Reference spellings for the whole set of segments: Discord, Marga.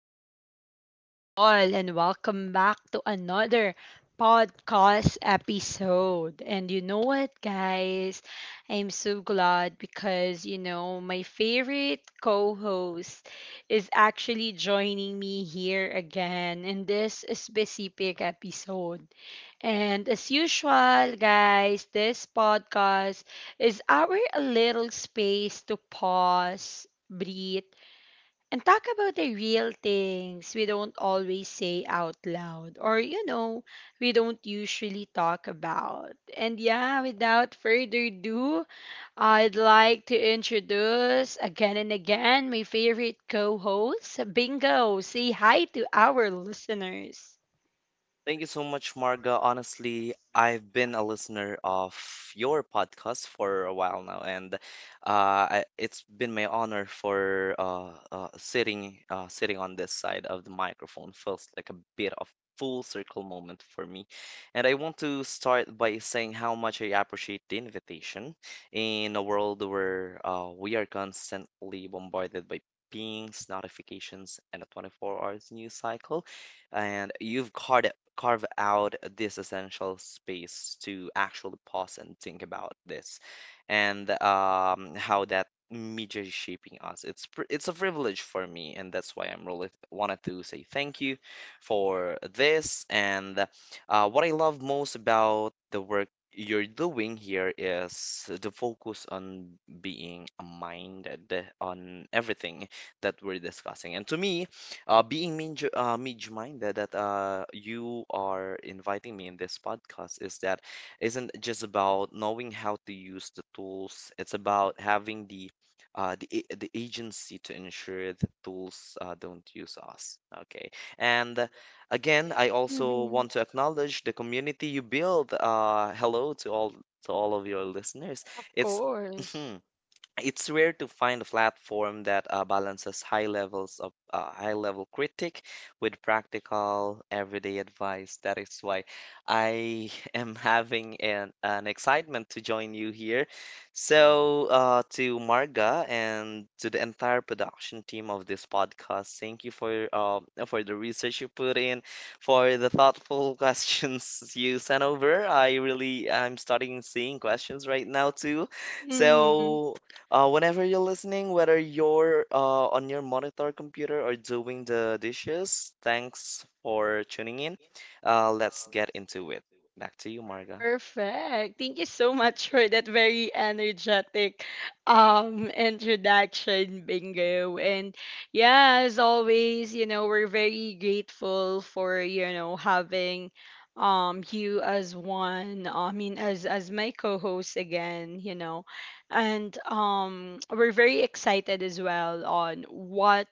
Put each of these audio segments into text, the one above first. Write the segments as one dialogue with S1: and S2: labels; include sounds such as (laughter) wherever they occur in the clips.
S1: beautiful people, and welcome back to another podcast episode. And you know what, guys? I'm so glad because, you know, my favorite co host is actually joining me here again in this specific episode. And as usual, guys, this podcast is our little space to pause, breathe, and talk about the real things we don't always say out loud or, we don't usually talk about. And yeah, without further ado, I'd like to introduce again and again my favorite co host, Bingo. Say hi to our listeners.
S2: Thank you so much, Marga. Honestly, I've been a listener of your podcast for a while now, and it's been my honor for sitting on this side of the microphone. Feels like a bit of full circle moment for me, and I want to start by saying how much I appreciate the invitation. In a world where we are constantly bombarded by pings, notifications, and a 24 hours news cycle and you've caught carve out this essential space to actually pause and think about this and how that media is shaping us. It's a privilege for me, and that's why I'm really wanted to say thank you for this. And what I love most about the work you're doing here is the focus on being minded on everything that we're discussing. And to me, being mid mid-minded that you are inviting me in this podcast is that isn't just about knowing how to use the tools. It's about having the the agency to ensure the tools don't use us. Okay, and again, I also
S1: Mhm.
S2: want to acknowledge the community you build. Hello to all of your listeners.
S1: Of
S2: It's (laughs)
S1: course.
S2: it's rare to find a platform that balances high levels of high level critique with practical everyday advice. That is why I (laughs) am having an excitement to join you here. So, to Marga and to the entire production team of this podcast, thank you for the research you put in, for the thoughtful (laughs) questions you sent over. I'm starting seeing questions right now too.
S1: Mm-hmm.
S2: So whenever you're listening, whether you're on your monitor computer or doing the dishes, thanks for tuning in. Let's get into it. Back to you, Marga.
S1: Perfect. Thank you so much for that very energetic introduction, Bingo. And yeah, as always, you know, we're very grateful for, you know, having you as one, I mean as my co-host again, you know. And we're very excited as well on what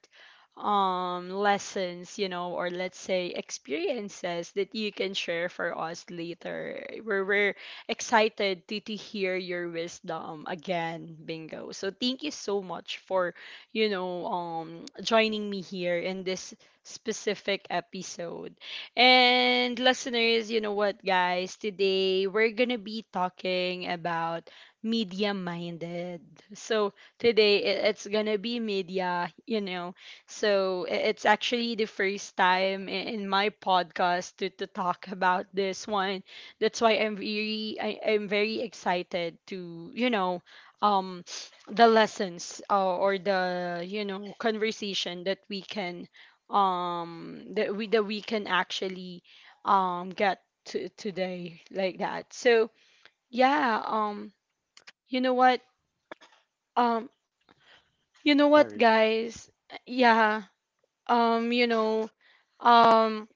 S1: lessons you know or let's say experiences that you can share for us later we're excited to hear your wisdom again, Bingo, so thank you so much for you know joining me here in this specific episode. And listeners, you know what, guys, today we're gonna be talking about media minded. So today it's gonna be media, you know. So it's actually the first time in my podcast to talk about this one. That's why I'm very I'm very excited to you know um (sniffs) the lessons or the you know conversation that we can that we can actually get to today like that. So yeah, you know what, um you know what,
S2: Sorry,
S1: guys, yeah you know, um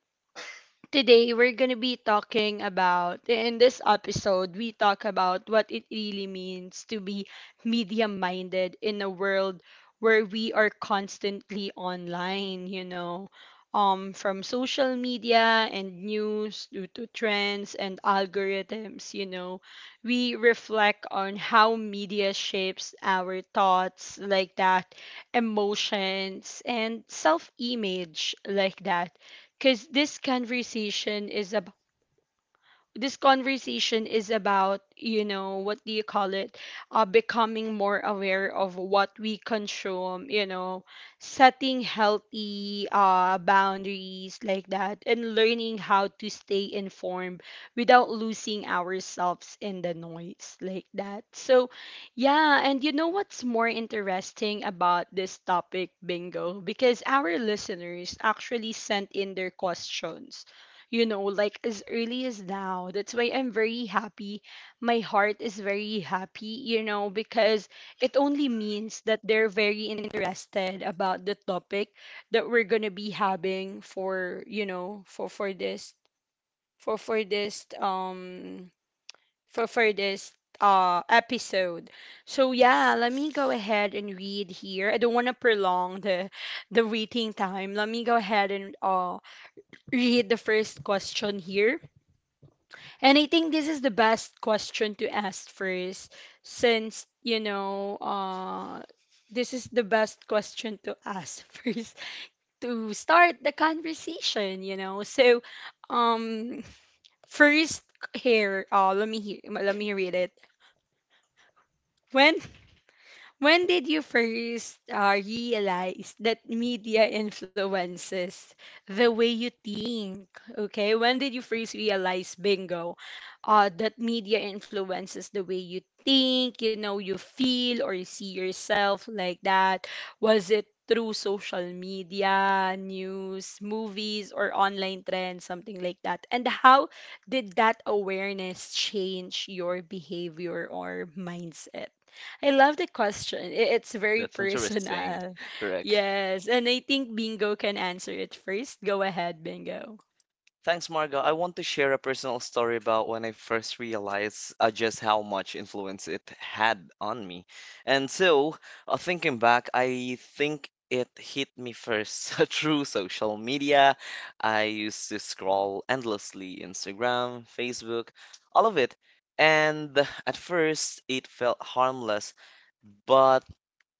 S1: today, we're going to be talking about, in this episode, we talk about what it really means to be media minded in a world where we are constantly online, you know, from social media and news due to trends and algorithms, you know. We reflect on how media shapes our thoughts, like that, emotions, and self image, like that, because this conversation is about you know what do you call it, becoming more aware of what we consume, you know, setting healthy boundaries like that, and learning how to stay informed without losing ourselves in the noise like that. So yeah, and you know what's more interesting about this topic, Bingo? Because our listeners actually sent in their questions, you know, like as early as now. That's why I'm very happy. My heart is very happy, you know, because it only means that they're very interested about the topic that we're gonna be having for, you know, for for this um for this episode. So yeah, let me go ahead and read here. I don't want to prolong the waiting time. Let me go ahead and read the first question here. And I think this is the best question to ask first, since you know, this is the best question to ask (laughs) first to start the conversation. You know, so um, first here, let me hear, let me read it. When When did you first realize that media influences the way you think? Okay, when did you first realize, Bingo, that media influences the way you think, you know, you feel or you see yourself like that? Was it through social media, news, movies, or online trends, something like that? And how did that awareness change your behavior or mindset? I love the question. It's very
S2: that's interesting.
S1: personal.
S2: (laughs)
S1: (laughs)
S2: Correct.
S1: Yes. And I think Bingo can answer it first. Go ahead, Bingo.
S2: Thanks, Marga. I want to share a personal story about when I first realized just how much influence it had on me. And so, thinking back, I think it hit me first (laughs) through social media. I used to scroll endlessly Instagram, Facebook, all of it. And at first, it felt harmless, but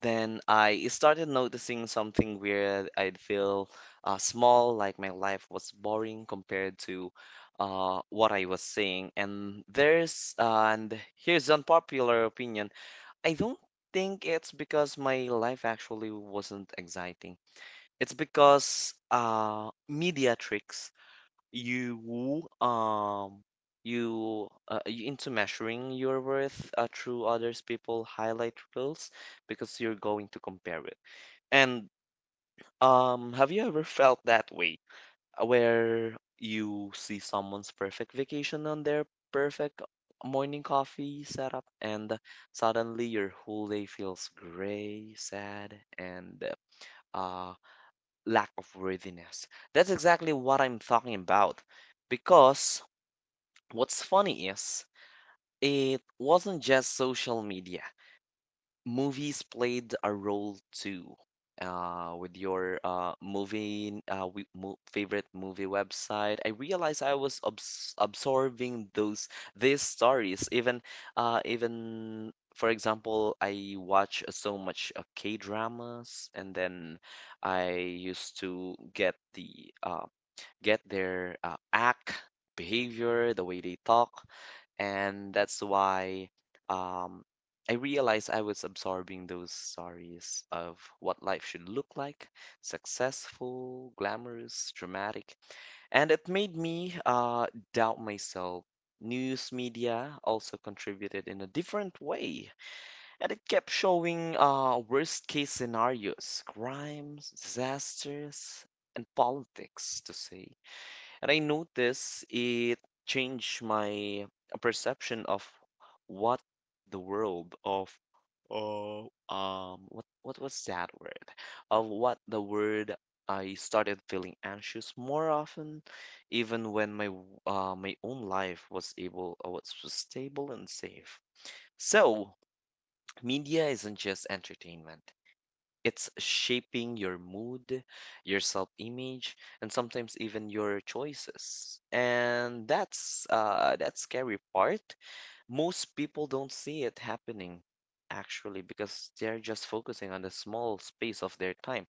S2: then I started noticing something weird. I'd feel small, like my life was boring compared to what I was seeing. And here's unpopular opinion. I don't think it's because my life actually wasn't exciting. It's because media tricks you um you into measuring your worth through others people highlight reels because you're going to compare it, and have you ever felt that way where you see someone's perfect vacation on their perfect morning coffee setup and suddenly your whole day feels gray sad and uh lack of worthiness. That's exactly what I'm talking about. Because what's funny is, it wasn't just social media. Movies played a role too. With your movie, we, mo favorite movie website, I realized I was absorbing those these stories. Even, even for example, I watch so much K-dramas, and then I used to get their act, behavior, the way they talk and that's why um, I realized I was absorbing those stories of what life should look like: successful, glamorous, dramatic. And it made me doubt myself. News media also contributed in a different way, and it kept showing worst case scenarios, crimes, disasters, and politics, to say. And I notice it changed my perception of what the world of uh, what was that word? Of what the word I started feeling anxious more often, even when my own life was was stable and safe. So media isn't just entertainment. It's shaping your mood, your self image, and sometimes even your choices. And that's that scary part. Most people don't see it happening actually because they're just focusing on the small space of their time.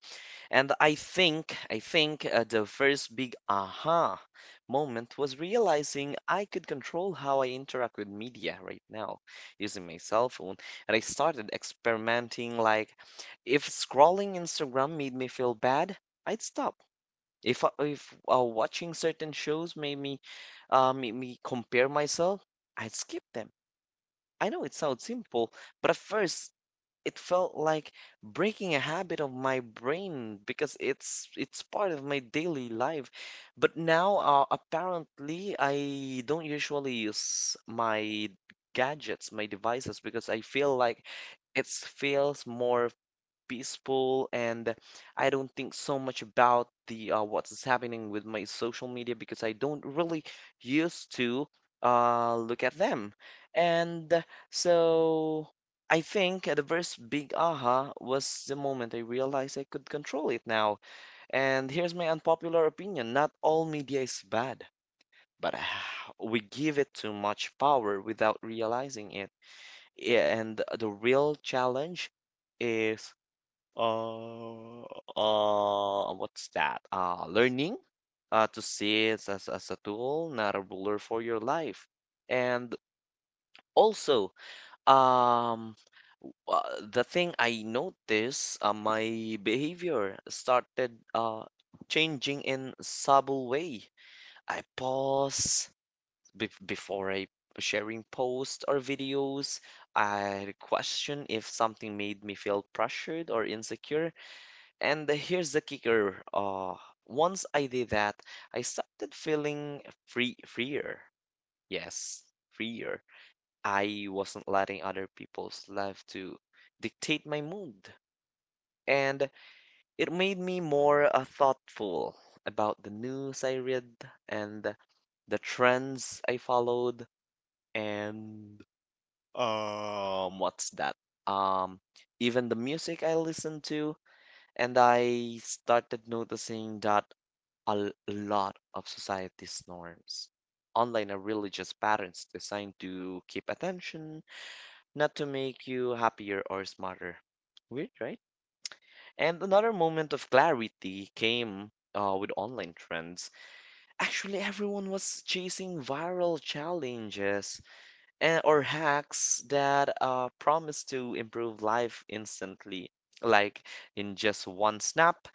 S2: And I think The first big aha moment was realizing I could control how I interact with media right now using my cell phone. And I started experimenting like if scrolling Instagram made me feel bad, I'd stop. If watching certain shows made me compare myself, I'd skip them. I know it sounds simple, but at first it felt like breaking a habit of my brain because it's part of my daily life. But now, apparently, I don't usually use my gadgets, my devices, because I feel like it feels more peaceful, and I don't think so much about the what's happening with my social media because I don't really used to look at them. And so I think the first big aha was the moment I realized I could control it now. And here's my unpopular opinion, not all media is bad, but (sighs) we give it too much power without realizing it. Yeah, and the real challenge is uh, what's that? Learning to see it as a tool, not a ruler for your life. And also, um, uh, the thing I noticed, my behavior started changing in subtle way. I pause be before I sharing posts or videos. I question if something made me feel pressured or insecure, and the- here's the kicker. Once I did that, I started feeling free, freer. Yes, freer. I wasn't letting other people's life to dictate my mood. And it made me more thoughtful about the news I read and the trends I followed and what's that? Um even the music I listened to, and I started noticing that lot of society's norms online are really just patterns designed to keep attention, not to make you happier or smarter. Weird, right? And another moment of clarity came with online trends. Actually, everyone was chasing viral challenges and, or hacks that promise to improve life instantly. Like in just one snap,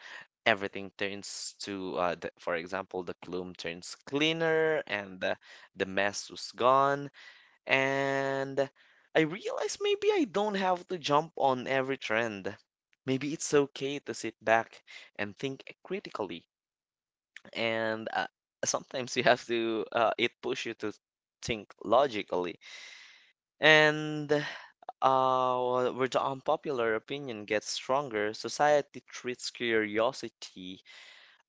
S2: everything turns to for example the plume turns cleaner and the mess was gone. And I realized maybe I don't have to jump on every trend. Maybe it's okay to sit back and think critically, and sometimes (laughs) you have to it push you to think logically. And where the unpopular opinion gets stronger, society treats curiosity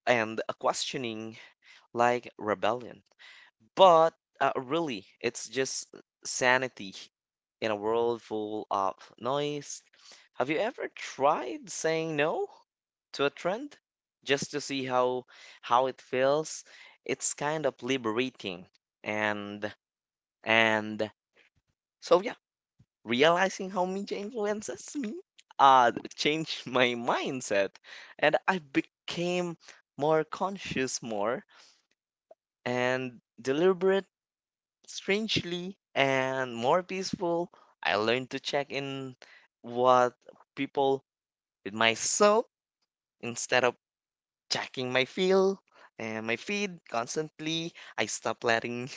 S2: and a questioning like rebellion. But really, it's just sanity in a world full of noise. Have you ever tried saying no to a trend just to see how it feels? It's kind of liberating. And and so yeah, realizing how media influences me changed my mindset, and I became more conscious, more and deliberate, strangely, and more peaceful. I learned to check in what people with myself instead of checking my feel and my feed constantly. I stopped letting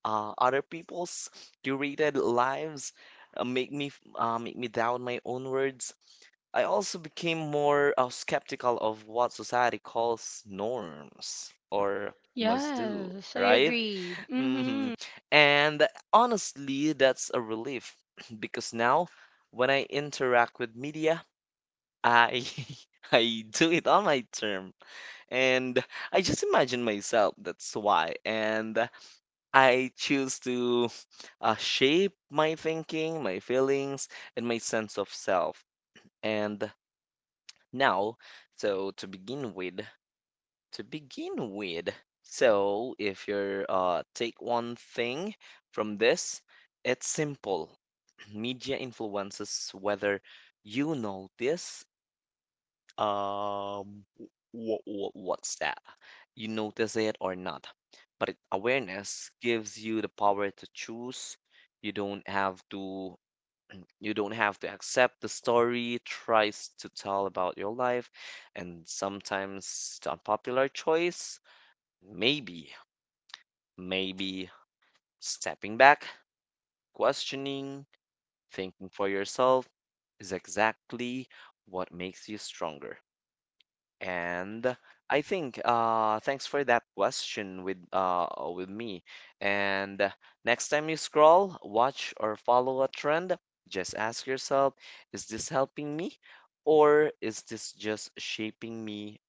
S2: (laughs) other people's curated lives make me doubt my own words. I also became more skeptical of what society calls norms or must do,
S1: Yes, I
S2: right?
S1: agree. Mm-hmm.
S2: Mhm. And honestly, that's a relief (clears throat) because now when I interact with media, I (laughs) I do it on my term. And I just imagine myself, that's why. And I choose to (sighs) shape my thinking, my feelings, and my sense of self. And now, so to begin with, to begin with. So, if you're take one thing from this, it's simple. (clears throat) Media influences whether you notice um w- w- what's that? you notice it or not. But it- awareness gives you the power to choose. You don't have to you don't have to accept the story tries to tell about your life, and sometimes the unpopular choice, Maybe, maybe stepping back, questioning, thinking for yourself is exactly what makes you stronger. And I think thanks for that question with me. And next time you scroll, watch or follow a trend, just ask yourself, is this helping me or is this just shaping me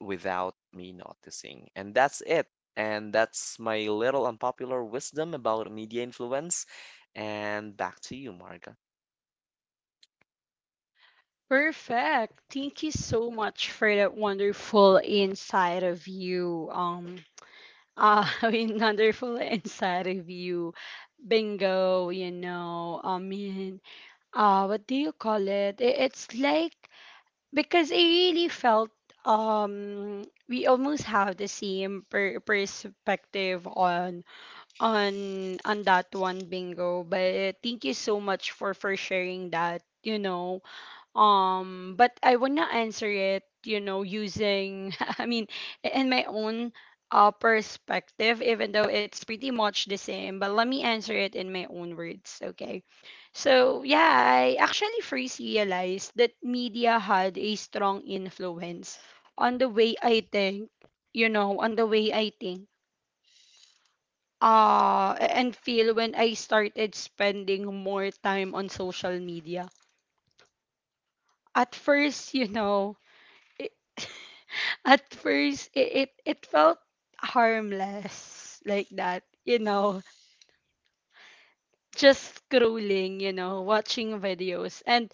S2: without me noticing? And that's it. And that's my little unpopular wisdom about media influence. And back to you, Marga.
S1: Perfect. Thank you so much for that wonderful insight of you. (laughs) I mean, wonderful (laughs) insight of you, Bingo, you know. I mean, what do you call it? It's like because I really felt we almost have the same perspective on on that one, Bingo, but thank you so much for sharing that, you know. But I wanna answer it, you know, using, (laughs) I mean, in my own perspective, even though it's pretty much the same, but let me answer it in my own words, okay? So, yeah, I actually first realized that media had a strong influence on the way I think, you know, on the way I think. A- and feel when I started spending more time on social media. At first, you know, it, (laughs) at first it felt harmless like that, you know, just scrolling, you know, watching videos, and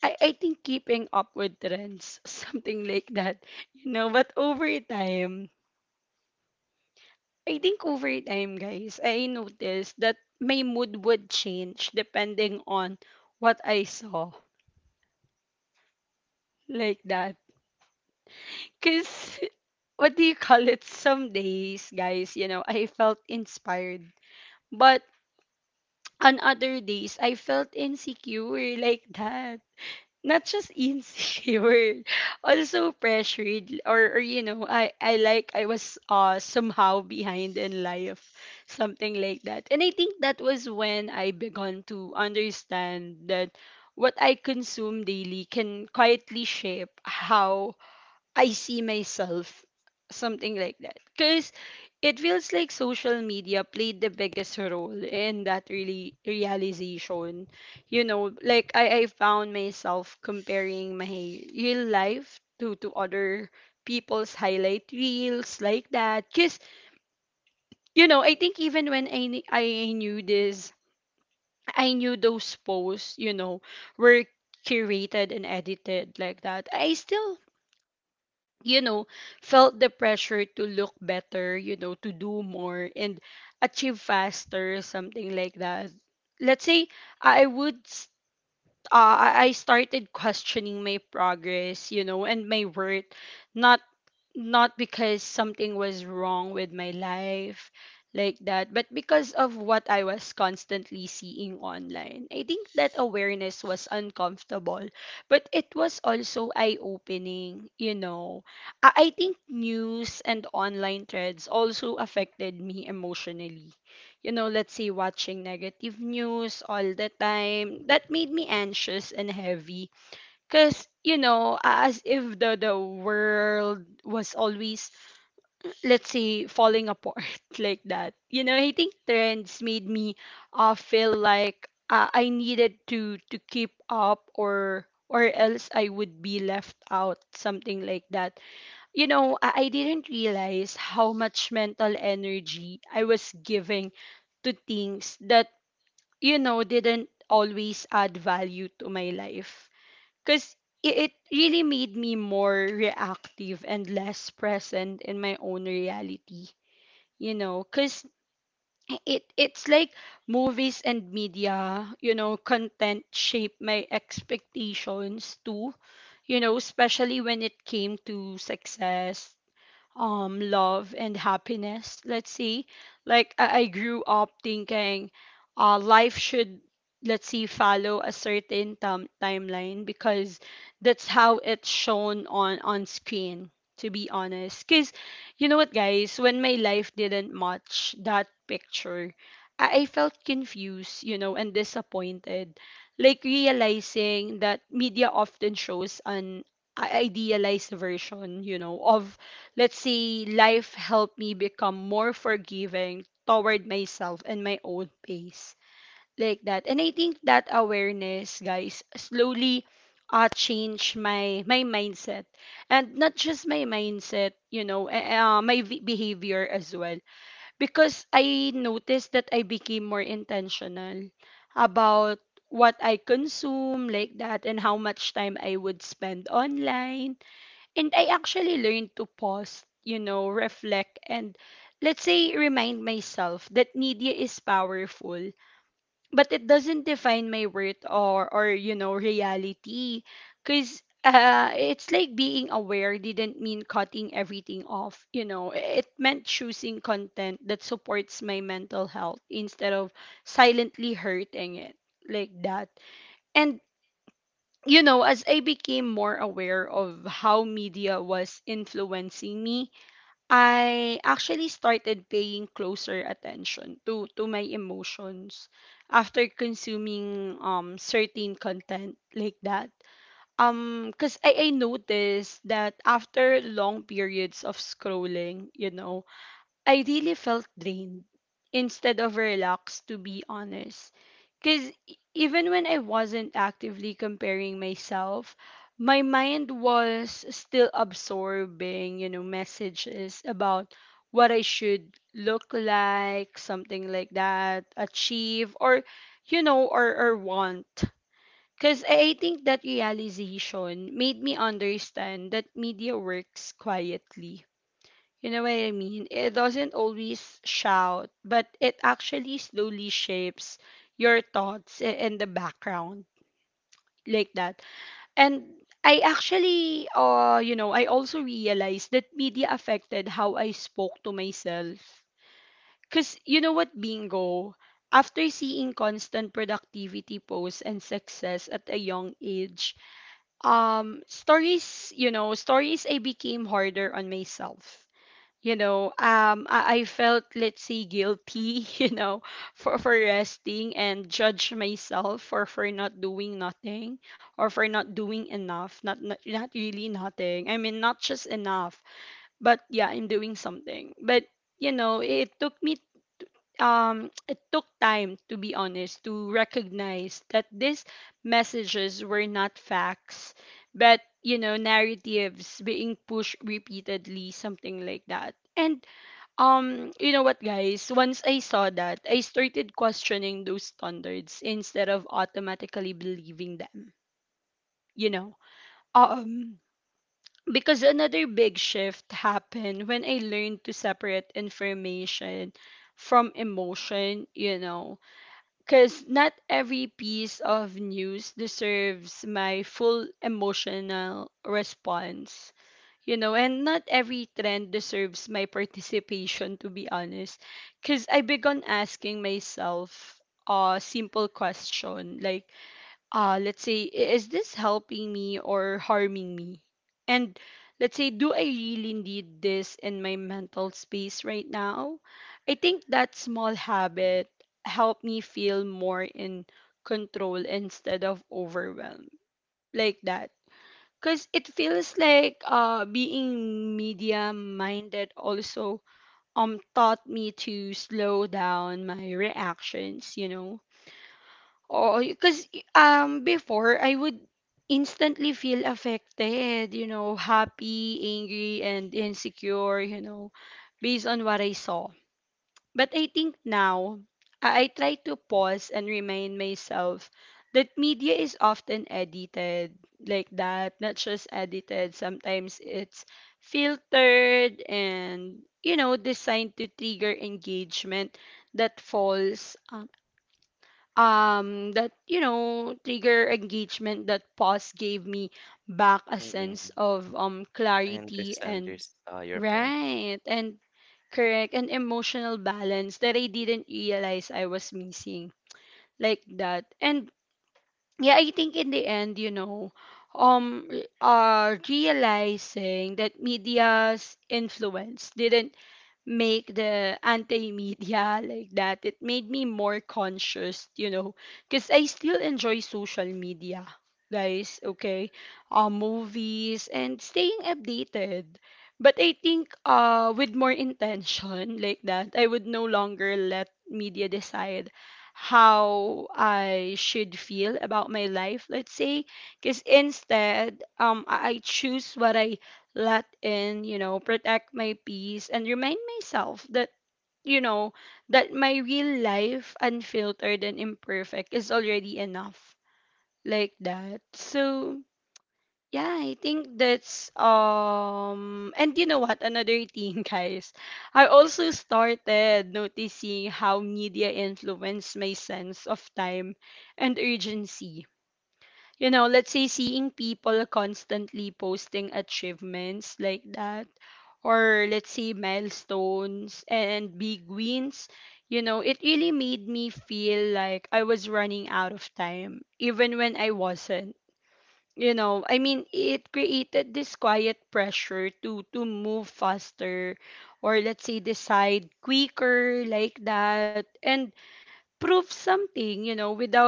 S1: I think keeping up with trends, (laughs) something like that, you know. But over time, guys, I noticed that my mood would change depending on what I saw like that. Because (laughs) what do you call it, some days, guys, you know, I felt inspired, but on other days, I felt insecure like that. Not just insecure, (laughs) also pressured, or you know, I like I was somehow behind in life, something like that. And I think that was when I began to understand that what I consume daily can quietly shape how I see myself, something like that. Because it feels like social media played the biggest role in that really realization. You know, like I found myself comparing my real life to other people's highlight reels like that. Because, you know, I think even when I knew this, I knew those posts, you know, were curated and edited like that. I still, you know, felt the pressure to look better, you know, to do more and achieve faster, something like that. Let's say I would I started questioning my progress, you know, and my worth, not because something was wrong with my life like that, but because of what I was constantly seeing online. I think that awareness was uncomfortable, but it was also eye-opening, you know. I think news and online threads also affected me emotionally, you know. Let's say watching negative news all the time, that made me anxious and heavy. Because, you know, as if the world was always, let's say, falling apart (laughs) like that. You know, I think trends made me feel like I needed to keep up or else I would be left out, something like that, you know. I didn't realize how much mental energy I was giving to things that, you know, didn't always add value to my life. Because it really made me more reactive and less present in my own reality, you know. Because it it's like movies and media, you know, content shape my expectations too, you know, especially when it came to success, love and happiness, let's see. Like, I grew up thinking life should, let's see, follow a certain timeline because that's how it's shown on screen, to be honest. Because, you know what, guys, when my life didn't match that picture, I felt confused, you know, and disappointed. Like realizing that media often shows an idealized version, you know, of, let's see, life helped me become more forgiving toward myself and my own pace. Like that. And I think that awareness, guys, slowly changed my mindset. And not just my mindset, you know, behavior as well. Because I noticed that I became more intentional about what I consume, like that, and how much time I would spend online. And I actually learned to pause, you know, reflect, and let's say remind myself that media is powerful, but it doesn't define my worth or you know, reality. Because it's like being aware didn't mean cutting everything off, you know. It meant choosing content that supports my mental health instead of silently hurting it like that. And you know, as I became more aware of how media was influencing me, I actually started paying closer attention to my emotions after consuming certain content like that. Cause I noticed that after long periods of scrolling, you know, I really felt drained instead of relaxed, to be honest. Because even when I wasn't actively comparing myself, my mind was still absorbing, you know, messages about what I should look like, something like that, achieve, or, you know, or want. Because I think that realization made me understand that media works quietly, you know what I mean? It doesn't always shout, but it actually slowly shapes your thoughts and the background like that. And I actually, you know, I also realized that media affected how I spoke to myself. Because you know what, bingo, after seeing constant productivity posts and success at a young age, stories, stories I became harder on myself. I felt, let's say, guilty (laughs) you know, for resting and judge myself for not doing nothing or for not doing enough. Not not really nothing, I mean, not just enough, but yeah, I'm doing something. But you know, it took me, it took time, to be honest, to recognize that these messages were not facts, but you know, narratives being pushed repeatedly, something like that. And you know what, guys, once I saw that, I started questioning those standards instead of automatically believing them, you know. um because another big shift happened when I learned to separate information from emotion, you know. Because not every piece of news deserves my full emotional response, you know, and not every trend deserves my participation, to be honest. Because I began asking myself a simple question like, let's say, is this helping me or harming me? And let's say, do I really need this in my mental space right now? I think that small habit helped me feel more in control instead of overwhelmed, like that. Because it feels like, being media minded also taught me to slow down my reactions, you know. Oh, because before I would instantly feel affected, you know, happy, angry, and insecure, you know, based on what I saw. But I think now I try to pause and remind myself that media is often edited, like that. Not just edited. Sometimes it's filtered and, you know, designed to trigger engagement. That falls that, you know, trigger engagement. That pause gave me back a
S2: Mm-mm.
S1: sense of
S2: I
S1: clarity
S2: understand
S1: and
S2: your point.
S1: right and correct and emotional balance that I didn't realize I was missing, like that. And yeah, I think in the end, you know, um realizing that media's influence didn't make the anti-media (laughs) like that. It made me more conscious, you know, because I still enjoy social media, guys, okay? Movies and staying updated. But I think, with more intention (laughs) like that, I would no longer let media decide how I should feel about my life, let's say. Because instead, I choose what I let in, you know, protect my peace and remind myself that, you know, that my real life, unfiltered and imperfect, is already enough, like that. So yeah, I think that's and you know what, another thing, (laughs) guys. I also started noticing how media influenced my sense of time and urgency, you know. Let's say seeing people constantly posting achievements, like that, or let's say milestones and big wins, you know, it really made me feel like I was running out of time, even when I wasn't. You know, I mean, it created this quiet pressure to move faster, or let's say decide quicker like that, and prove something. You know, without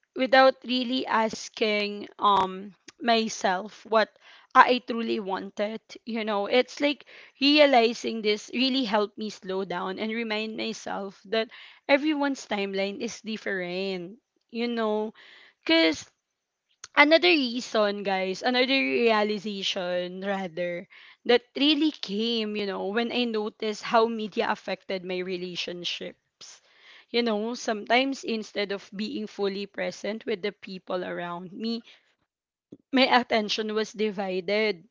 S1: really asking myself what I truly wanted. You know, it's like realizing this really helped me slow down and remind myself that everyone's timeline is different. You know, because another reason, guys, another realization, rather, that really came, you know, when I noticed how media affected my relationships. You know, sometimes instead of being fully present with the people around me, my attention was divided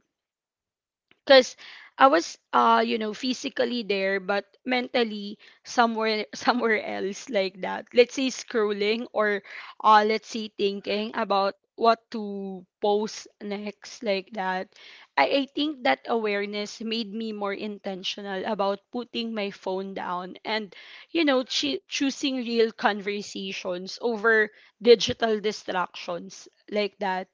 S1: because I was, you know, physically there but mentally somewhere (laughs) somewhere else, like that. Let's say scrolling or, let's say, thinking about what to post next, like that. I think that awareness made me more intentional about putting my phone down and, you know, choosing real conversations over digital distractions, like that.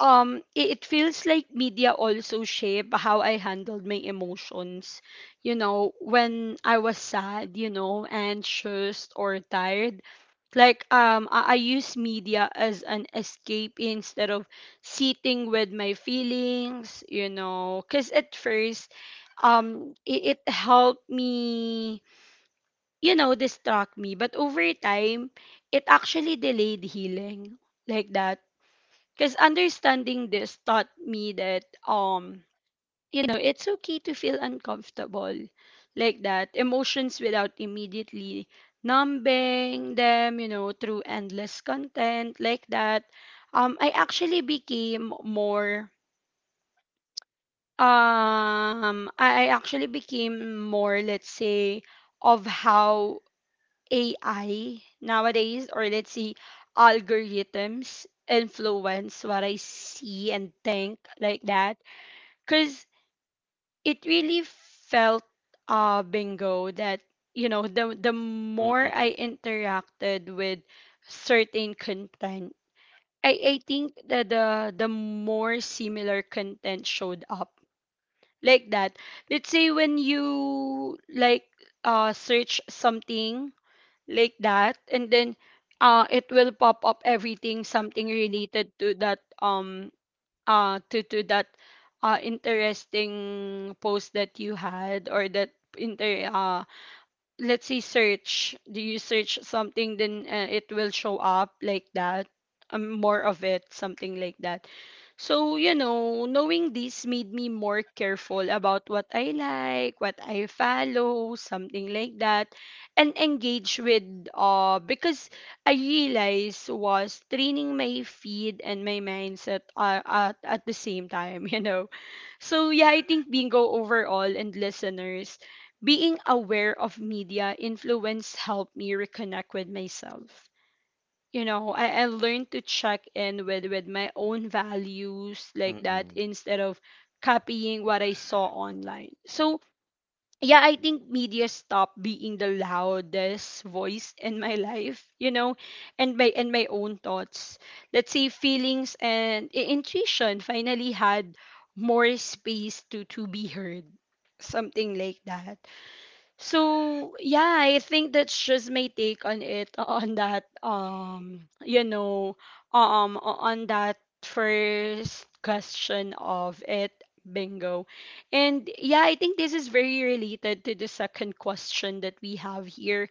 S1: It feels like media also shape how I handled my emotions. You know, when I was sad, you know, anxious or tired, like, I use media as an escape instead of sitting with my feelings, you know, because at first it helped me, you know, distract me, but over time it actually delayed healing, like that. Because understanding this taught me that, you know, it's okay to feel uncomfortable, like that, emotions without immediately numbing them, you know, through endless content, like that. I actually became more, I actually became more, let's say, of how AI nowadays, or let's see, algorithms influence what I see and think, like that. Because it really felt, bingo, that, you know, the more
S2: Mm-mm.
S1: I interacted with certain content, I think that the more similar content showed up, like that. Let's say when you like, search something, like that, and then it will pop up everything, something related to that, to that interesting post that you had or that inter let's say search. Do you search something, then, it will show up like that, more of it, something like that. So, you know, knowing this made me more careful about what I like, what I follow, something like that, and engage with, because I realized was training my feed and my mindset, at the same time (laughs) you know. So yeah, I think, bingo, overall, and listeners, being aware of media influence helped me reconnect with myself. You know, I learned to check in with my own values, like that,
S2: Mm-mm.
S1: instead of copying what I saw online. So, yeah, I think media stopped being the loudest voice in my (laughs) life, you know, and my, and my own thoughts. Let's say feelings and intuition finally had more space to be heard, something like that. So yeah, I think that's just my take on it, on that, you know, on that first question of it, bingo. And yeah, I think this is very related to the second question that we have here.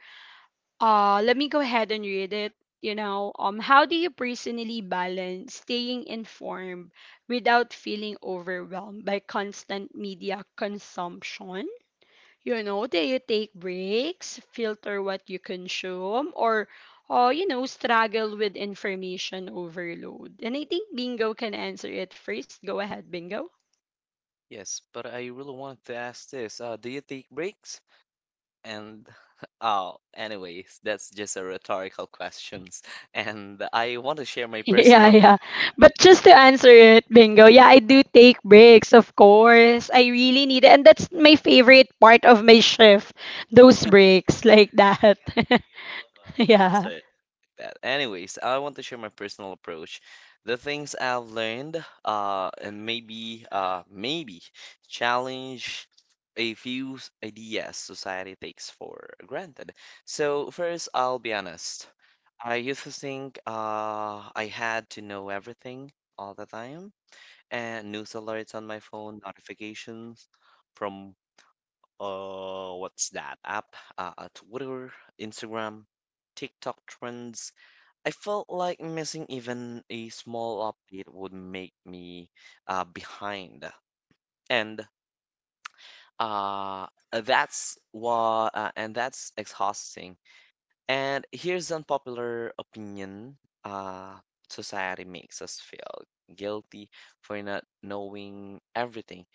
S1: Let me go ahead and read it. You know, how do you personally balance staying informed without feeling overwhelmed by constant media consumption? You know, do you take breaks, filter what you consume, or, you know, struggle with information overload? And I think Bingo can answer it first. Go ahead, Bingo. (laughs)
S2: Yes, but I really wanted to ask this. Do you take breaks? And (laughs) oh, anyways, that's just a rhetorical questions. (laughs) And I want to share my
S1: Yeah,
S2: personal.
S1: yeah. But just to answer it, bingo, yeah, I do take breaks, of course. I really need it. And that's my favorite part of my shift, those breaks, like that. (laughs) Yeah.
S2: That. Anyways, I want to share my personal approach, the things I've learned, and maybe challenge a few ideas society takes for granted. So first, I'll be honest. I used to think, I had to know everything all the time, and news alerts on my phone, notifications from, what's that app? Twitter, Instagram. TikTok trends. I felt like missing even a small update would make me behind, and and that's exhausting. And here's an unpopular opinion: uh, society makes us feel guilty for not knowing everything,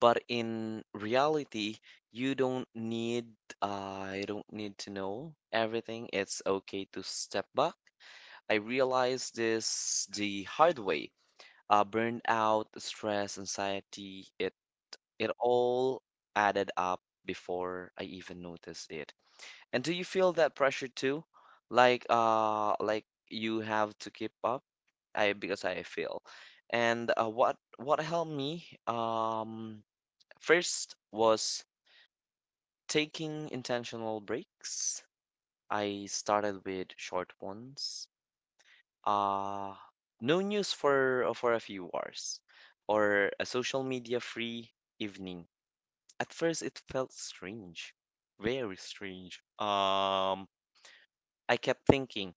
S2: but in reality, you don't need you don't need to know everything. It's okay to step back. I realized this the hard way. Burnout, stress, anxiety, it all added up before I even noticed it. And do you feel that pressure too? Like you have to keep up? I because I feel. And what helped me first was taking intentional breaks. I started with short ones, uh no news for a few hours, or a social media free evening. At first it felt strange, very strange. I kept thinking,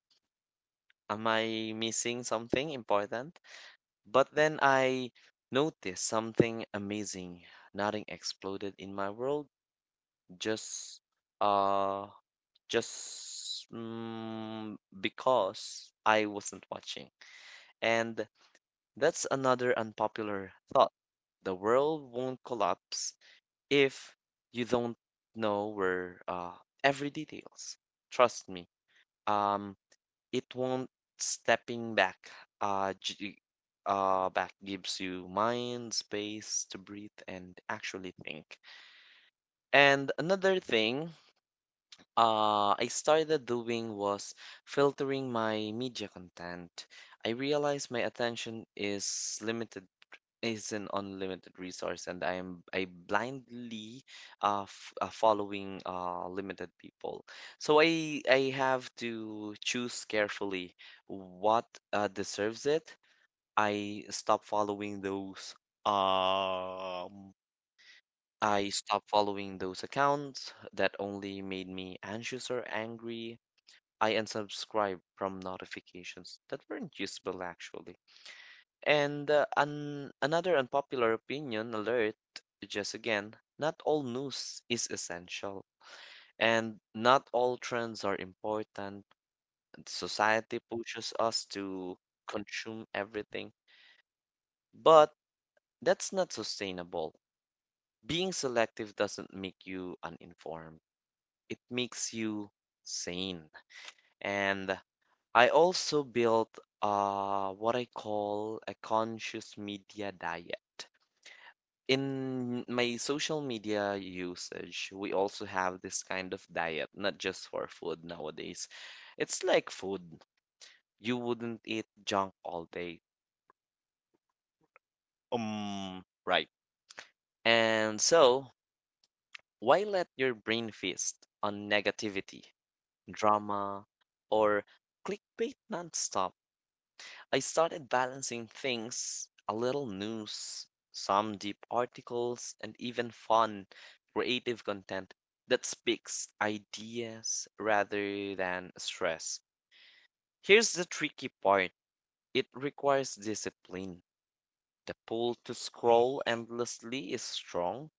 S2: am I missing something important? But then I noticed something amazing. Nothing exploded in my world, just uh just because I wasn't watching. And that's another unpopular thought. The world won't collapse if you don't know where every details. Trust me. Um, it won't. Stepping back. Uh, g- Back gives you mind space to breathe and actually think. And another thing I started doing was filtering my media content. I realized my attention is limited, is an unlimited resource, and I blindly following limited people. So I have to choose carefully what deserves it. I stop following those, um I stop following those accounts that only made me anxious or angry. I unsubscribe from notifications that weren't useful actually. And another unpopular opinion alert, just again, not all news is essential, and not all trends are important. Society pushes us to consume everything, but that's not sustainable. Being selective doesn't make you uninformed, it makes you sane. And I also built what I call a conscious media diet. In my social media usage, we also have this kind of diet, not just for food nowadays. It's like food. You wouldn't eat junk all day. Right. And so, why let your brain feast on negativity, drama, or clickbait nonstop? I started balancing things, a little news, some deep articles, and even fun, creative content that speaks ideas rather than stress. Here's the tricky part, it requires discipline. The pull to scroll endlessly is strong,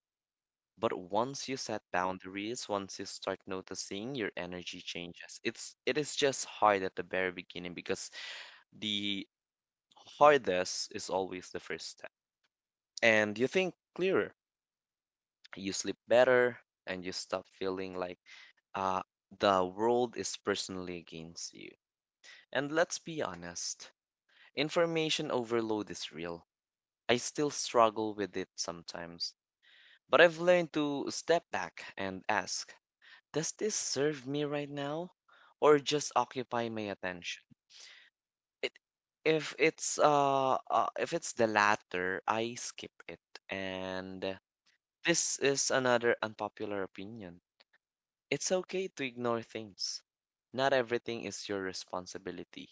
S2: but once you set boundaries, once you start noticing your energy changes, it is just hard at the very beginning because the hardest is always the first step. And you think clearer, you sleep better, and you stop feeling like uh, the world is personally against you. And let's be honest, information overload is real. I still struggle with it sometimes, but I've learned to step back and ask, does this serve me right now? Or just occupy my attention? It, if it's If it's the latter, I skip it. And this is another unpopular opinion. It's okay to ignore things. Not everything is your responsibility.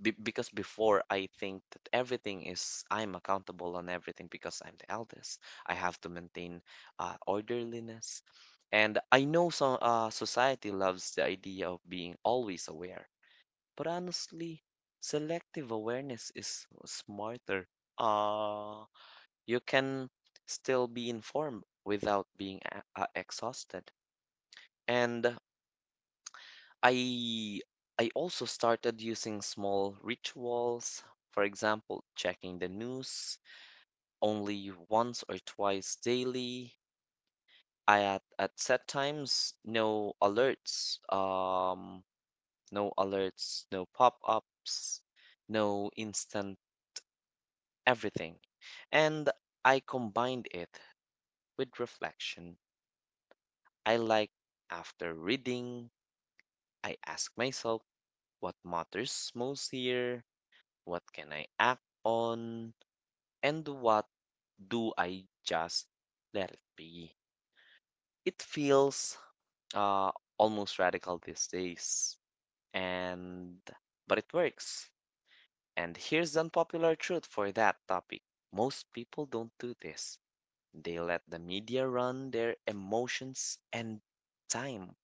S2: Because before I think that everything is, I'm accountable on everything because I'm the eldest. I have to maintain orderliness. And I know some, society loves the idea of being always aware. But honestly, selective awareness is smarter. Uh, you can still be informed without being exhausted. And I I also started using small rituals, for example, checking the news only once or twice daily. I at set times, no alerts, no alerts, no pop-ups, no instant everything. And I combined it with reflection. I like, after reading, I ask myself, what matters most here? What can I act on? And what do I just let it be? It feels uh, almost radical these days, and but it works. And here's the unpopular truth for that topic. Most people don't do this. They let the media run their emotions and time.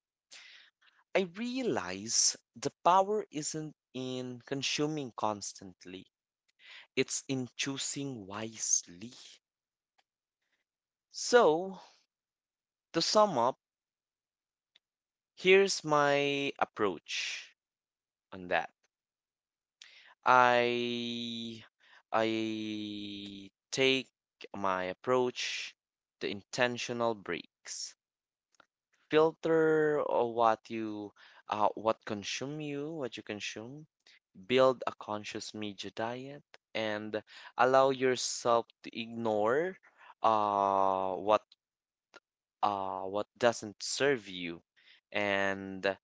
S2: I realize the power isn't in consuming constantly, it's in choosing wisely. So, to sum up, here's my approach on that. I I take my approach, the intentional breaks. Filter what consume you, what you consume. Build a conscious media diet, and allow yourself to ignore uh what what doesn't serve you. And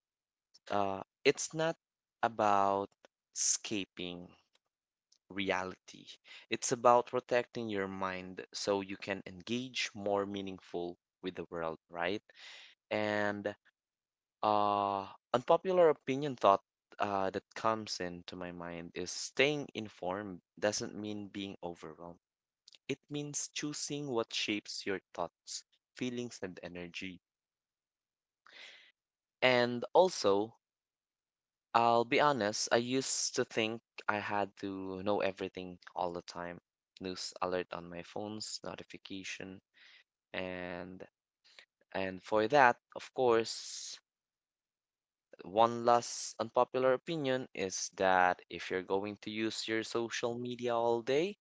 S2: it's not about escaping reality. It's about protecting your mind so you can engage more meaningful with the world, right? And uh, unpopular opinion thought that comes into my mind is staying informed doesn't mean being overwhelmed. It means choosing what shapes your thoughts, feelings, and energy. And also, I'll be honest, I used to think I had to know everything all the time. News alert on my phone's notification, and and for that, of course, one last unpopular opinion is that if you're going to use your social media all day,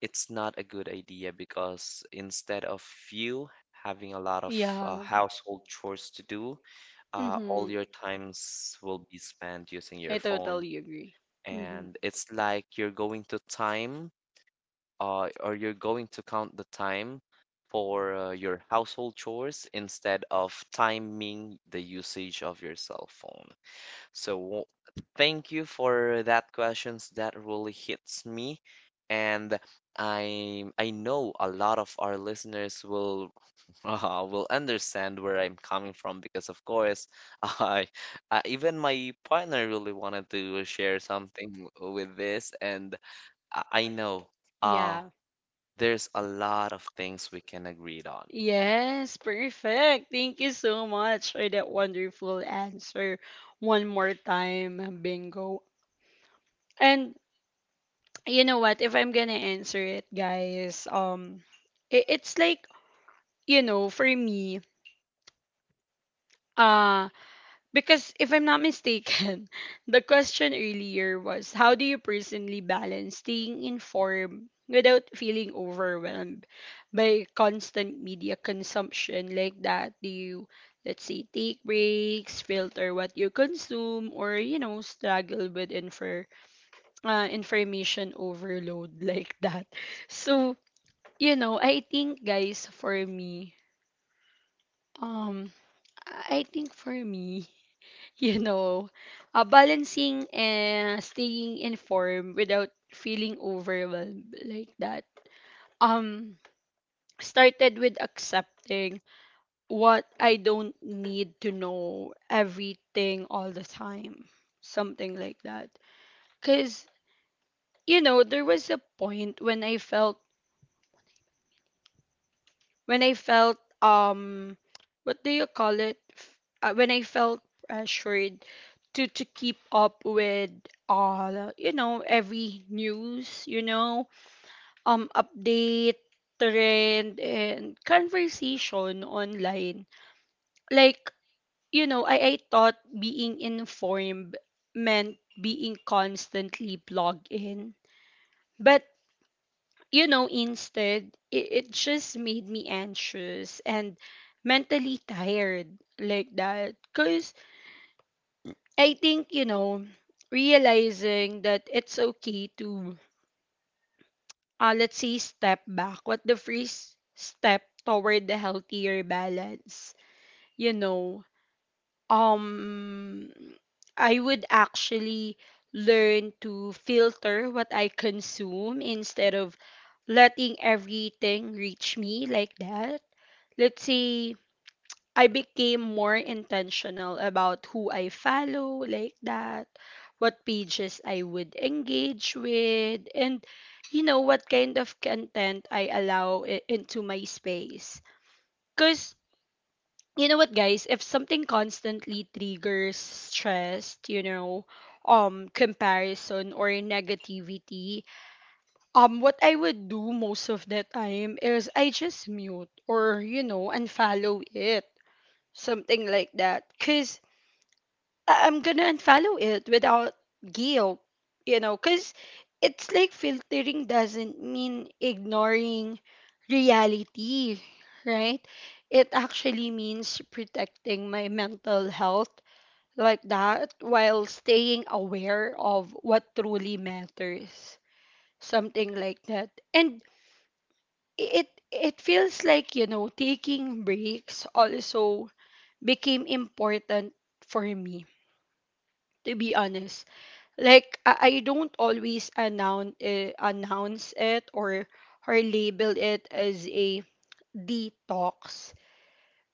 S2: it's not a good idea because instead of you having a lot of
S1: Yeah.
S2: household chores to do,
S1: Mm-hmm.
S2: all your times will be spent using
S1: I
S2: your phone,
S1: totally agree. Mm-hmm.
S2: and it's like you're going to time or you're going to count the time for your household chores instead of timing the usage of your cell phone. So, thank you for that questions. That really hits me, and I know a lot of our listeners will (laughs) will understand where I'm coming from because, of course, (laughs) I, even my partner really wanted to share something with this, and I know uh
S1: Yeah.
S2: there's a lot of things we can agree on.
S1: Yes, perfect. Thank you so much for that wonderful answer. One more time, bingo. And you know what? If I'm gonna answer it, guys, it's like, you know, for me, uh, because if I'm not mistaken, (laughs) the question earlier was, how do you personally balance staying informed without feeling overwhelmed by constant media consumption, like that? Do you, let's say, take breaks, filter what you consume, or, you know, struggle with information overload (laughs) like that? So, you know, I think, guys, for me, um, I think for me, you know, balancing and staying informed without feeling overwhelmed, like that, Um, started with accepting what I don't need to know everything all the time, something like that. Cause you know, there was a point when I felt, when I felt um what do you call it when I felt pressured to keep up with all, you know, every news, you know, update, trend, and conversation online. Like, you know, I thought being informed meant being constantly plugged in. But you know, instead, it just made me anxious and mentally tired, like that. Because I think, you know, realizing that it's okay to, let's say, step back, what the first step toward the healthier balance, you know, um, I would actually learn to filter what I consume instead of letting everything reach me, like that. Let's say, I became more intentional about who I follow, like that, what pages I would engage with, and, you know, what kind of content I allow into my space. Cause you know what, guys, if something constantly triggers stress, you know, comparison or negativity, what I would do most of the time is I just mute or, you know, unfollow it, something like that, because I'm gonna unfollow it without guilt, you know, because it's like, filtering doesn't mean ignoring reality, right? It actually means protecting my mental health, like that, while staying aware of what truly matters, something like that. And it feels like, you know, taking breaks also became important for me, to be honest. Like, I don't always announce, announce it or label it as a detox,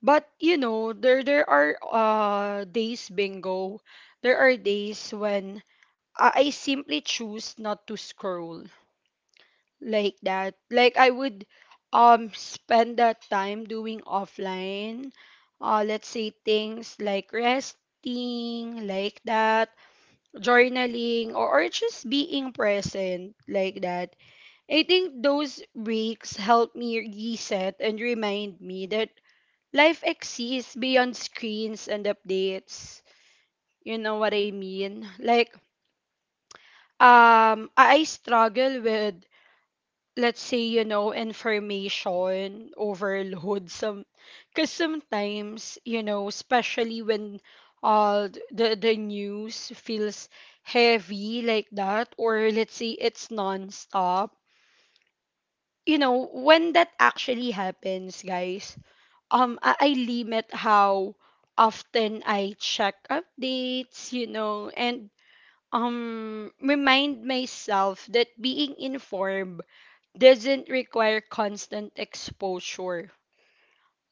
S1: but you know, there are, days, bingo, there are days when I simply choose not to scroll, like that. Like, I would spend that time doing offline. Let's say things like resting, like that, journaling, or, just being present, like that. I think those breaks help me reset and remind me that life exists beyond screens and updates. You know what I mean? Like I struggle with let's say you know information overload some because sometimes you know especially when the news feels heavy like that or let's say it's non-stop you know when that actually happens guys I limit how often I check updates you know and remind myself that being informed doesn't require constant exposure.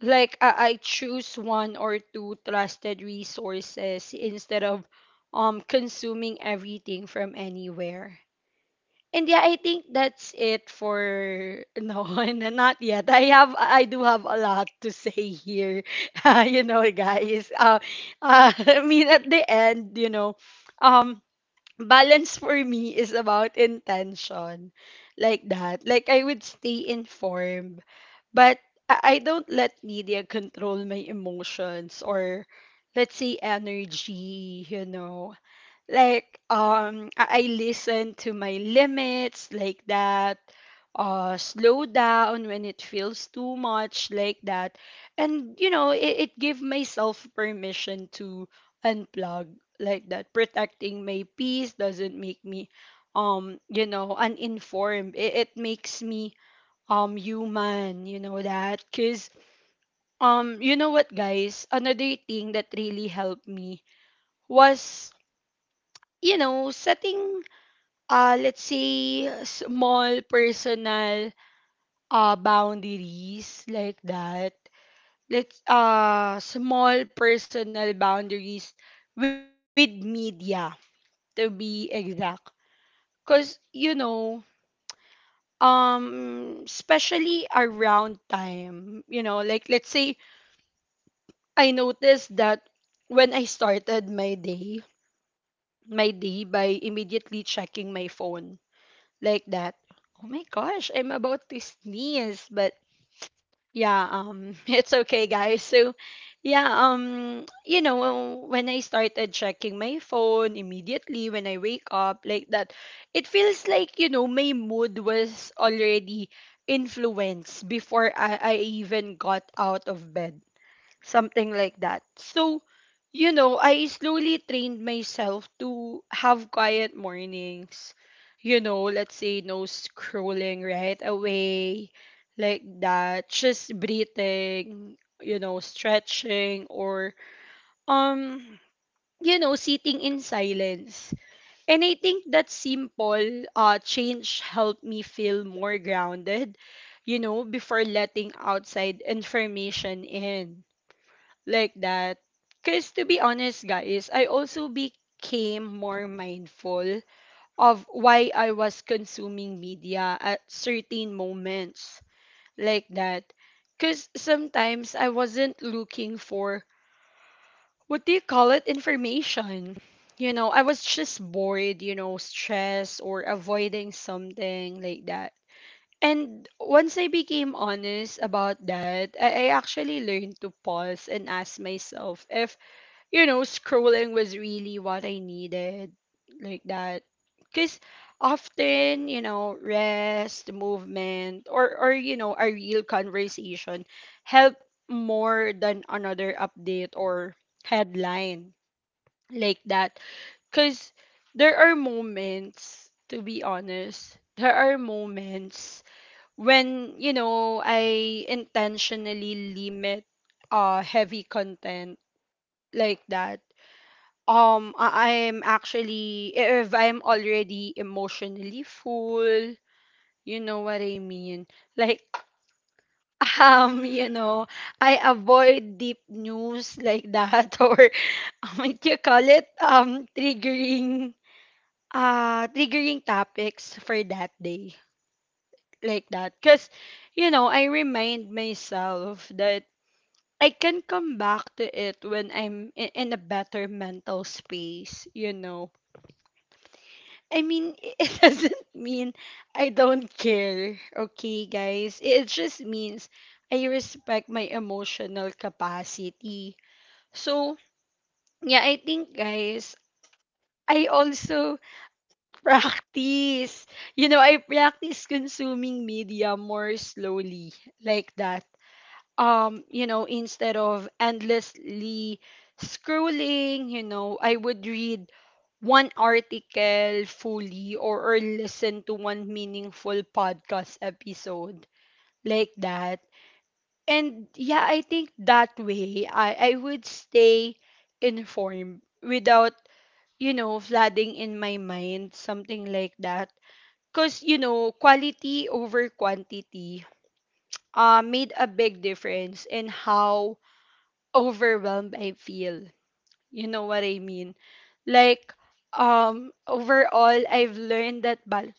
S1: Like I choose one or two trusted resources instead of consuming everything from anywhere. And yeah, I think that's it for (laughs) no, not yet. I do have a lot to say here. (laughs) you know, guys. (laughs) I mean at the end, you know, um balance for me is about intention like that like I would stay informed but I don't let media control my emotions or let's say energy you know like I listen to my limits like that slow down when it feels too much like that and you know it give myself permission to unplug like that. Protecting my peace doesn't make me you know uninformed, it makes me human you know that. Because you know what guys another thing that really helped me was you know setting let's say small personal boundaries like that. Let's small personal boundaries with media to be exact. Cause you know, especially around time, you know, like let's say I noticed that when I started my day by immediately checking my phone like that. Oh my gosh, I'm about to sneeze, but yeah (laughs) it's okay guys. So yeah you know when I started checking my phone immediately when I wake up like that it feels like you know my mood was already influenced before I even got out of bed something like that. So, you know, I slowly trained myself to have quiet mornings. You know, let's say no scrolling right away, like that. Just breathing, you know, stretching or um you know, sitting in silence. And I think that simple change helped me feel more grounded, you know, before letting outside information in like that. Because to be honest, guys, I also became more mindful of why I was consuming media at certain moments, like that. Because sometimes I wasn't looking for what do you call it information. You know, I was just bored, you know, stressed or avoiding something like that. And once I became honest about that, I actually learned to pause and ask myself if you know, scrolling was really what I needed, like that. Because often, you know, rest, movement, or you know, a real conversation help more than another update or headline, like that. Because there are moments, to be honest, there are moments when, you know, I intentionally limit heavy content like that. I'm actually, if I'm already emotionally full, you know what I mean? Like, (laughs) you know, I avoid deep news like that (laughs) or what you call it? Triggering topics for that day like that. Because, you know, I remind myself that I can come back to it when I'm in a better mental space, you know I mean, (laughs) it doesn't mean I don't care, okay, guys? It just means I respect my emotional capacity. So, yeah, I think, guys, I also (laughs) practice. You know, I practice consuming media more slowly, like that. You know, instead of endlessly scrolling you know I would read one article fully or listen to one meaningful podcast episode like that. And yeah I think that way i would stay informed without you know, flooding in my mind, something like that. Because, you know, quality over quantity made a big difference in how overwhelmed I feel. You know what I mean? Like overall I've learned that bal-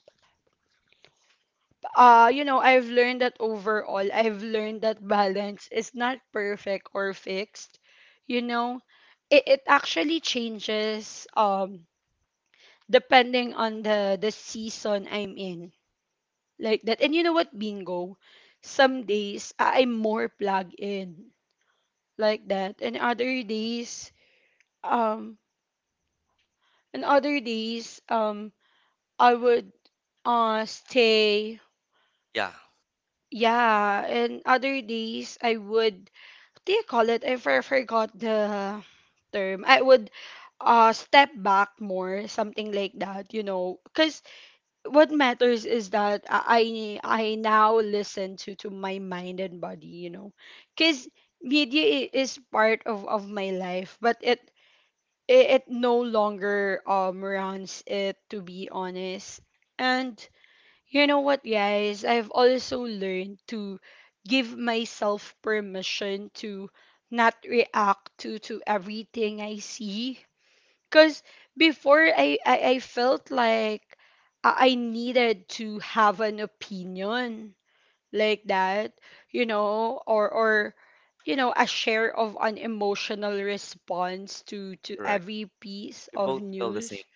S1: you know I've learned that balance is not perfect or fixed. You know, it actually changes depending on the season I'm in. Like that. And you know what, bingo? Some days I'm more plugged in like that and other days um. And other days, um, I would stay.
S2: Yeah,
S1: Yeah, and other days I would what do you call it? I forgot the term. I would step back more, something like that, you know. Cause what matters is that I now listen to my mind and body, you know. Cause media is part of my life, but it it no longer runs it, to be honest. And you know what guys I've also learned to give myself permission to not react to everything I see because before I felt like I needed to have an opinion like that, you know, or you know, a share of an emotional response to
S2: correct.
S1: every piece
S2: We
S1: of
S2: both feel the same.
S1: news.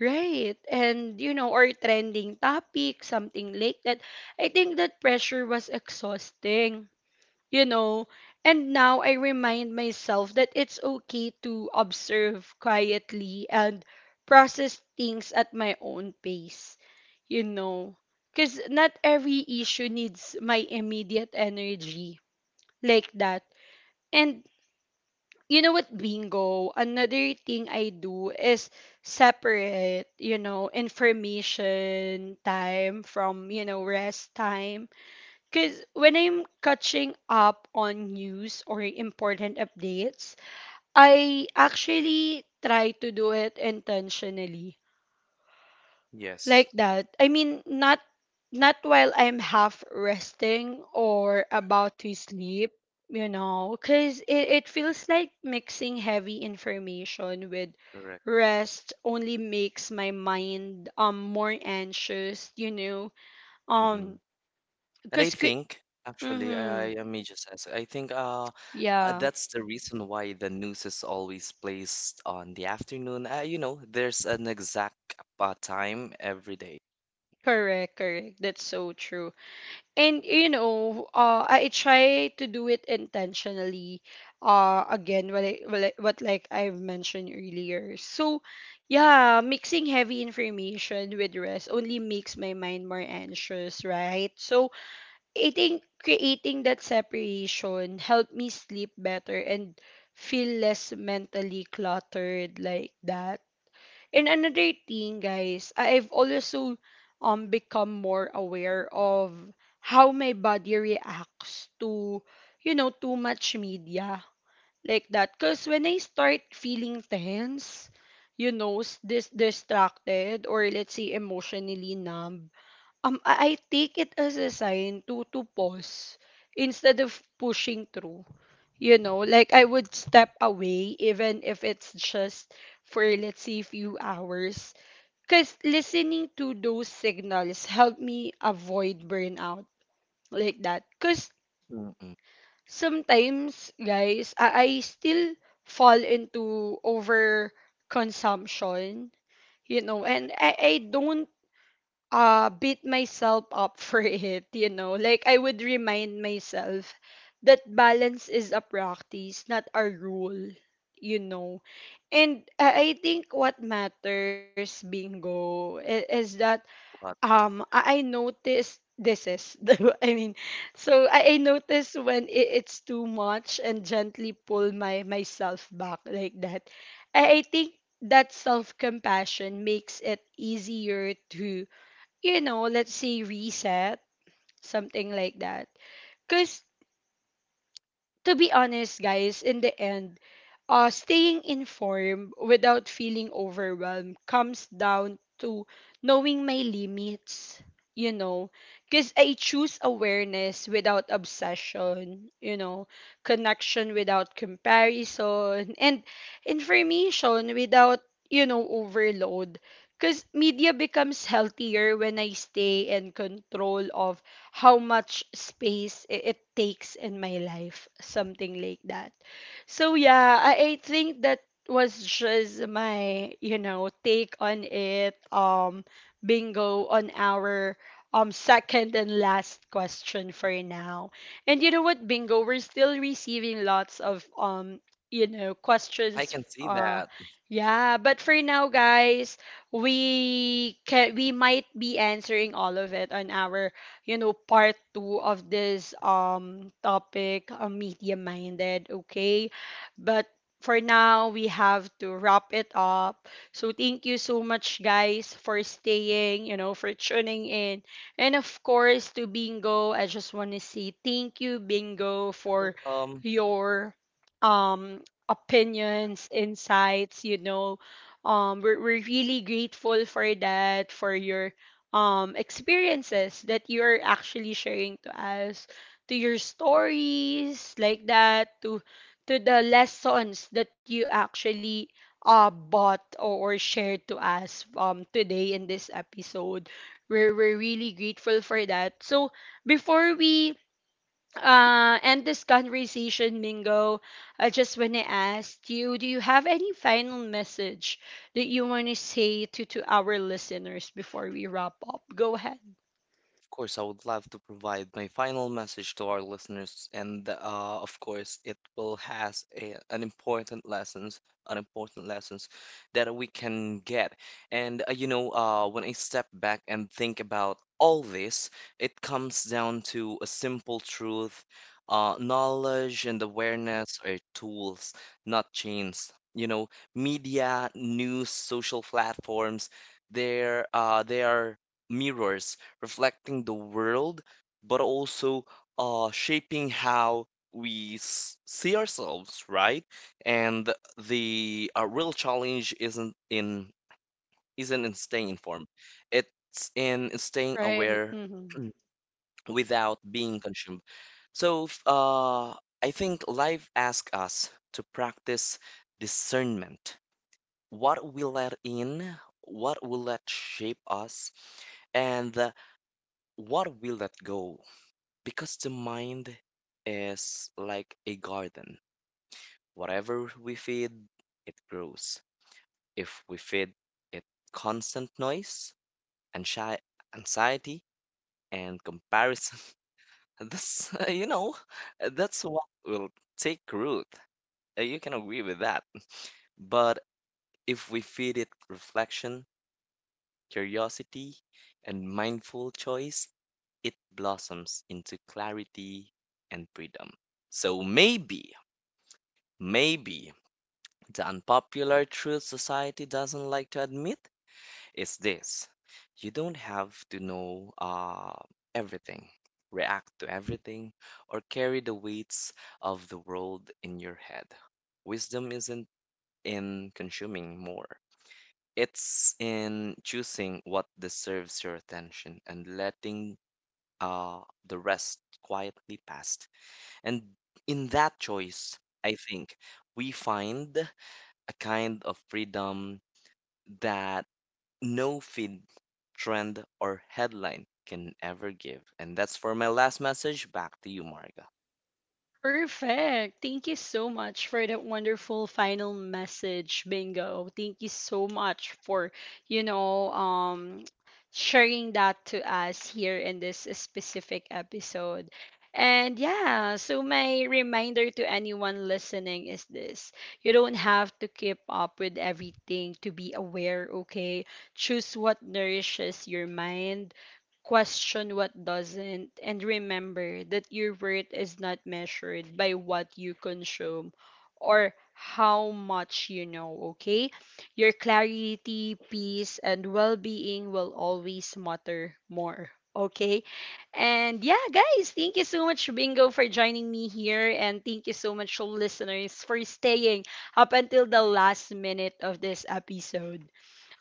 S1: Right. And you know, or trending topic, something like that. I think that pressure was exhausting you know. And now I remind myself that it's okay to observe quietly and process things at my own pace, you know. Because not every issue needs my immediate energy like that. And you know what, bingo? Another thing I do is separate, you know, information time from, you know, rest time because when I'm catching up on news or important updates, I actually try to do it intentionally.
S2: Yes,
S1: Like that. I mean, not while I'm half resting or about to sleep, you know, because it feels like mixing heavy information with
S2: correct.
S1: rest only makes my mind more anxious, you know. Um,
S2: And I
S1: because
S2: think, actually,
S1: mm-hmm.
S2: I may just ask. I think
S1: Yeah.
S2: that's the reason why the news is always placed on the afternoon. You know, there's an exact time every day.
S1: Correct, correct. That's so true. And you know, I try to do it intentionally. Again, what like I've mentioned earlier. So, yeah, mixing heavy information with rest only makes my mind more anxious, right? So, I think creating that separation helped me sleep better and feel less mentally cluttered like that. And another thing, guys, I've also become more aware of how my body reacts to, you know, too much media like that. Cause when I start feeling tense, you know, distracted or let's say emotionally numb, I take it as a sign to pause instead of pushing through. You know, like I would step away even if it's just for let's say few hours. Cause listening to those signals help me avoid burnout like that. Cause
S2: Mm-mm.
S1: sometimes, guys, I still fall into over consumption. You know, and I don't beat myself up (laughs) for it. You know, like I would remind myself that balance is a practice not a rule, you know. And I think what matters bingo is that
S2: But
S1: I noticed this is (laughs) so I noticed when it's too much and gently pull my myself back like that. I think that self compassion makes it easier to you know, let's say reset, something like that. Because to be honest, guys, in the end, staying informed without feeling overwhelmed comes down to knowing my limits, you know, because I choose awareness without obsession, you know, connection without comparison, and information without, you know, overload. Because media becomes healthier when I stay in control of how much space it takes in my life, something like that. So yeah, I think that was just my, you know, take on it. Bingo on our second and last question for now. And you know what, bingo, we're still receiving lots of you know
S2: I
S1: questions.
S2: can see
S1: uh,
S2: that.
S1: yeah, but for now, guys, we might be answering all of it on our, you know, part two of this topic, media minded. Okay, but for now we have to wrap it up. So thank you so much, guys, for staying. You know, for tuning in, and of course to Bingo. I just want to say thank you, Bingo, for
S2: Welcome.
S1: your um opinions, insights, you know. We're really grateful for that, for your experiences that you're actually sharing to us, to your stories like that, to the lessons that you actually bought or shared to us today in this episode. We're really grateful for that. So before we end this conversation, Mingo, I just want to ask you, do you have any final message that you want to say to our listeners before we wrap up? Go ahead.
S2: Of course, I would love to provide my final message to our listeners, and of course, it will has a, an important lessons that we can get. And you know, when I step back and think about all this, it comes down to a simple truth: knowledge and awareness are tools, not chains. You know, media, news, social platforms, they are mirrors reflecting the world, but also shaping how we see ourselves, right? And the real challenge isn't in staying informed. It's in staying
S1: Right.
S2: aware (clears throat) without being consumed. So, I think life asks us to practice discernment. What we let in, what we let shape us, and what we let go. Because the mind is like a garden. Whatever we feed, it grows. If we feed it constant noise and shy anxiety and comparison, (laughs) this (laughs) you know, that's what will take root. You can agree with that. But if we feed it reflection, curiosity, and mindful choice, it blossoms into clarity and freedom. So maybe, maybe the unpopular truth society doesn't like to admit is this. You don't have to know everything, react to everything, or carry the weights of the world in your head. Wisdom isn't in consuming more, it's in choosing what deserves your attention and letting uh, the rest quietly past. And in that choice, I think we find a kind of freedom that no feed, trend, or headline can ever give. And that's for my last message. Back to you, Marga.
S1: Perfect. Thank you so much for that wonderful final message, Bingo. Thank you so much for, you know, sharing that to us here in this specific episode. And yeah, so my reminder to anyone listening is this. You don't have to keep up with everything to be aware, okay? Choose what nourishes your mind. Question what doesn't, and remember that your worth is not measured by what you consume or how much you know, okay? Your clarity, peace, and well being will always matter more, okay? And yeah, guys, thank you so much, Bingo, for joining me here. And thank you so much, listeners, for staying up until the last minute of this episode.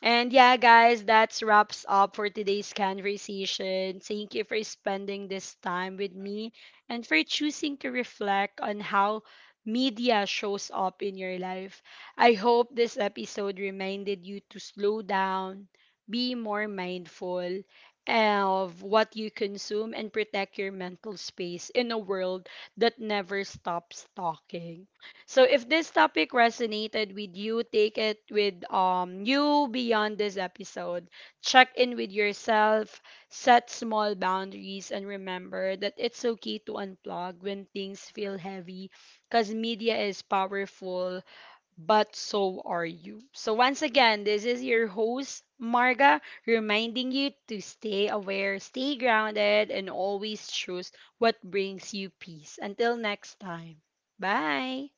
S1: And yeah, guys, that wraps up for today's conversation. Thank you for spending this time with me and for choosing to reflect on how media shows up in your life. I hope this episode reminded you to slow down, be more mindful of what you consume, and protect your mental space in a world that never stops talking. So if this topic resonated with you, take it with you beyond this episode. Check in with yourself, set small boundaries and remember that it's okay to unplug when things feel heavy cuz media is powerful, but so are you. So once again, this is your host Marga reminding you to stay aware, stay grounded and always choose what brings you peace. Until next time. Bye.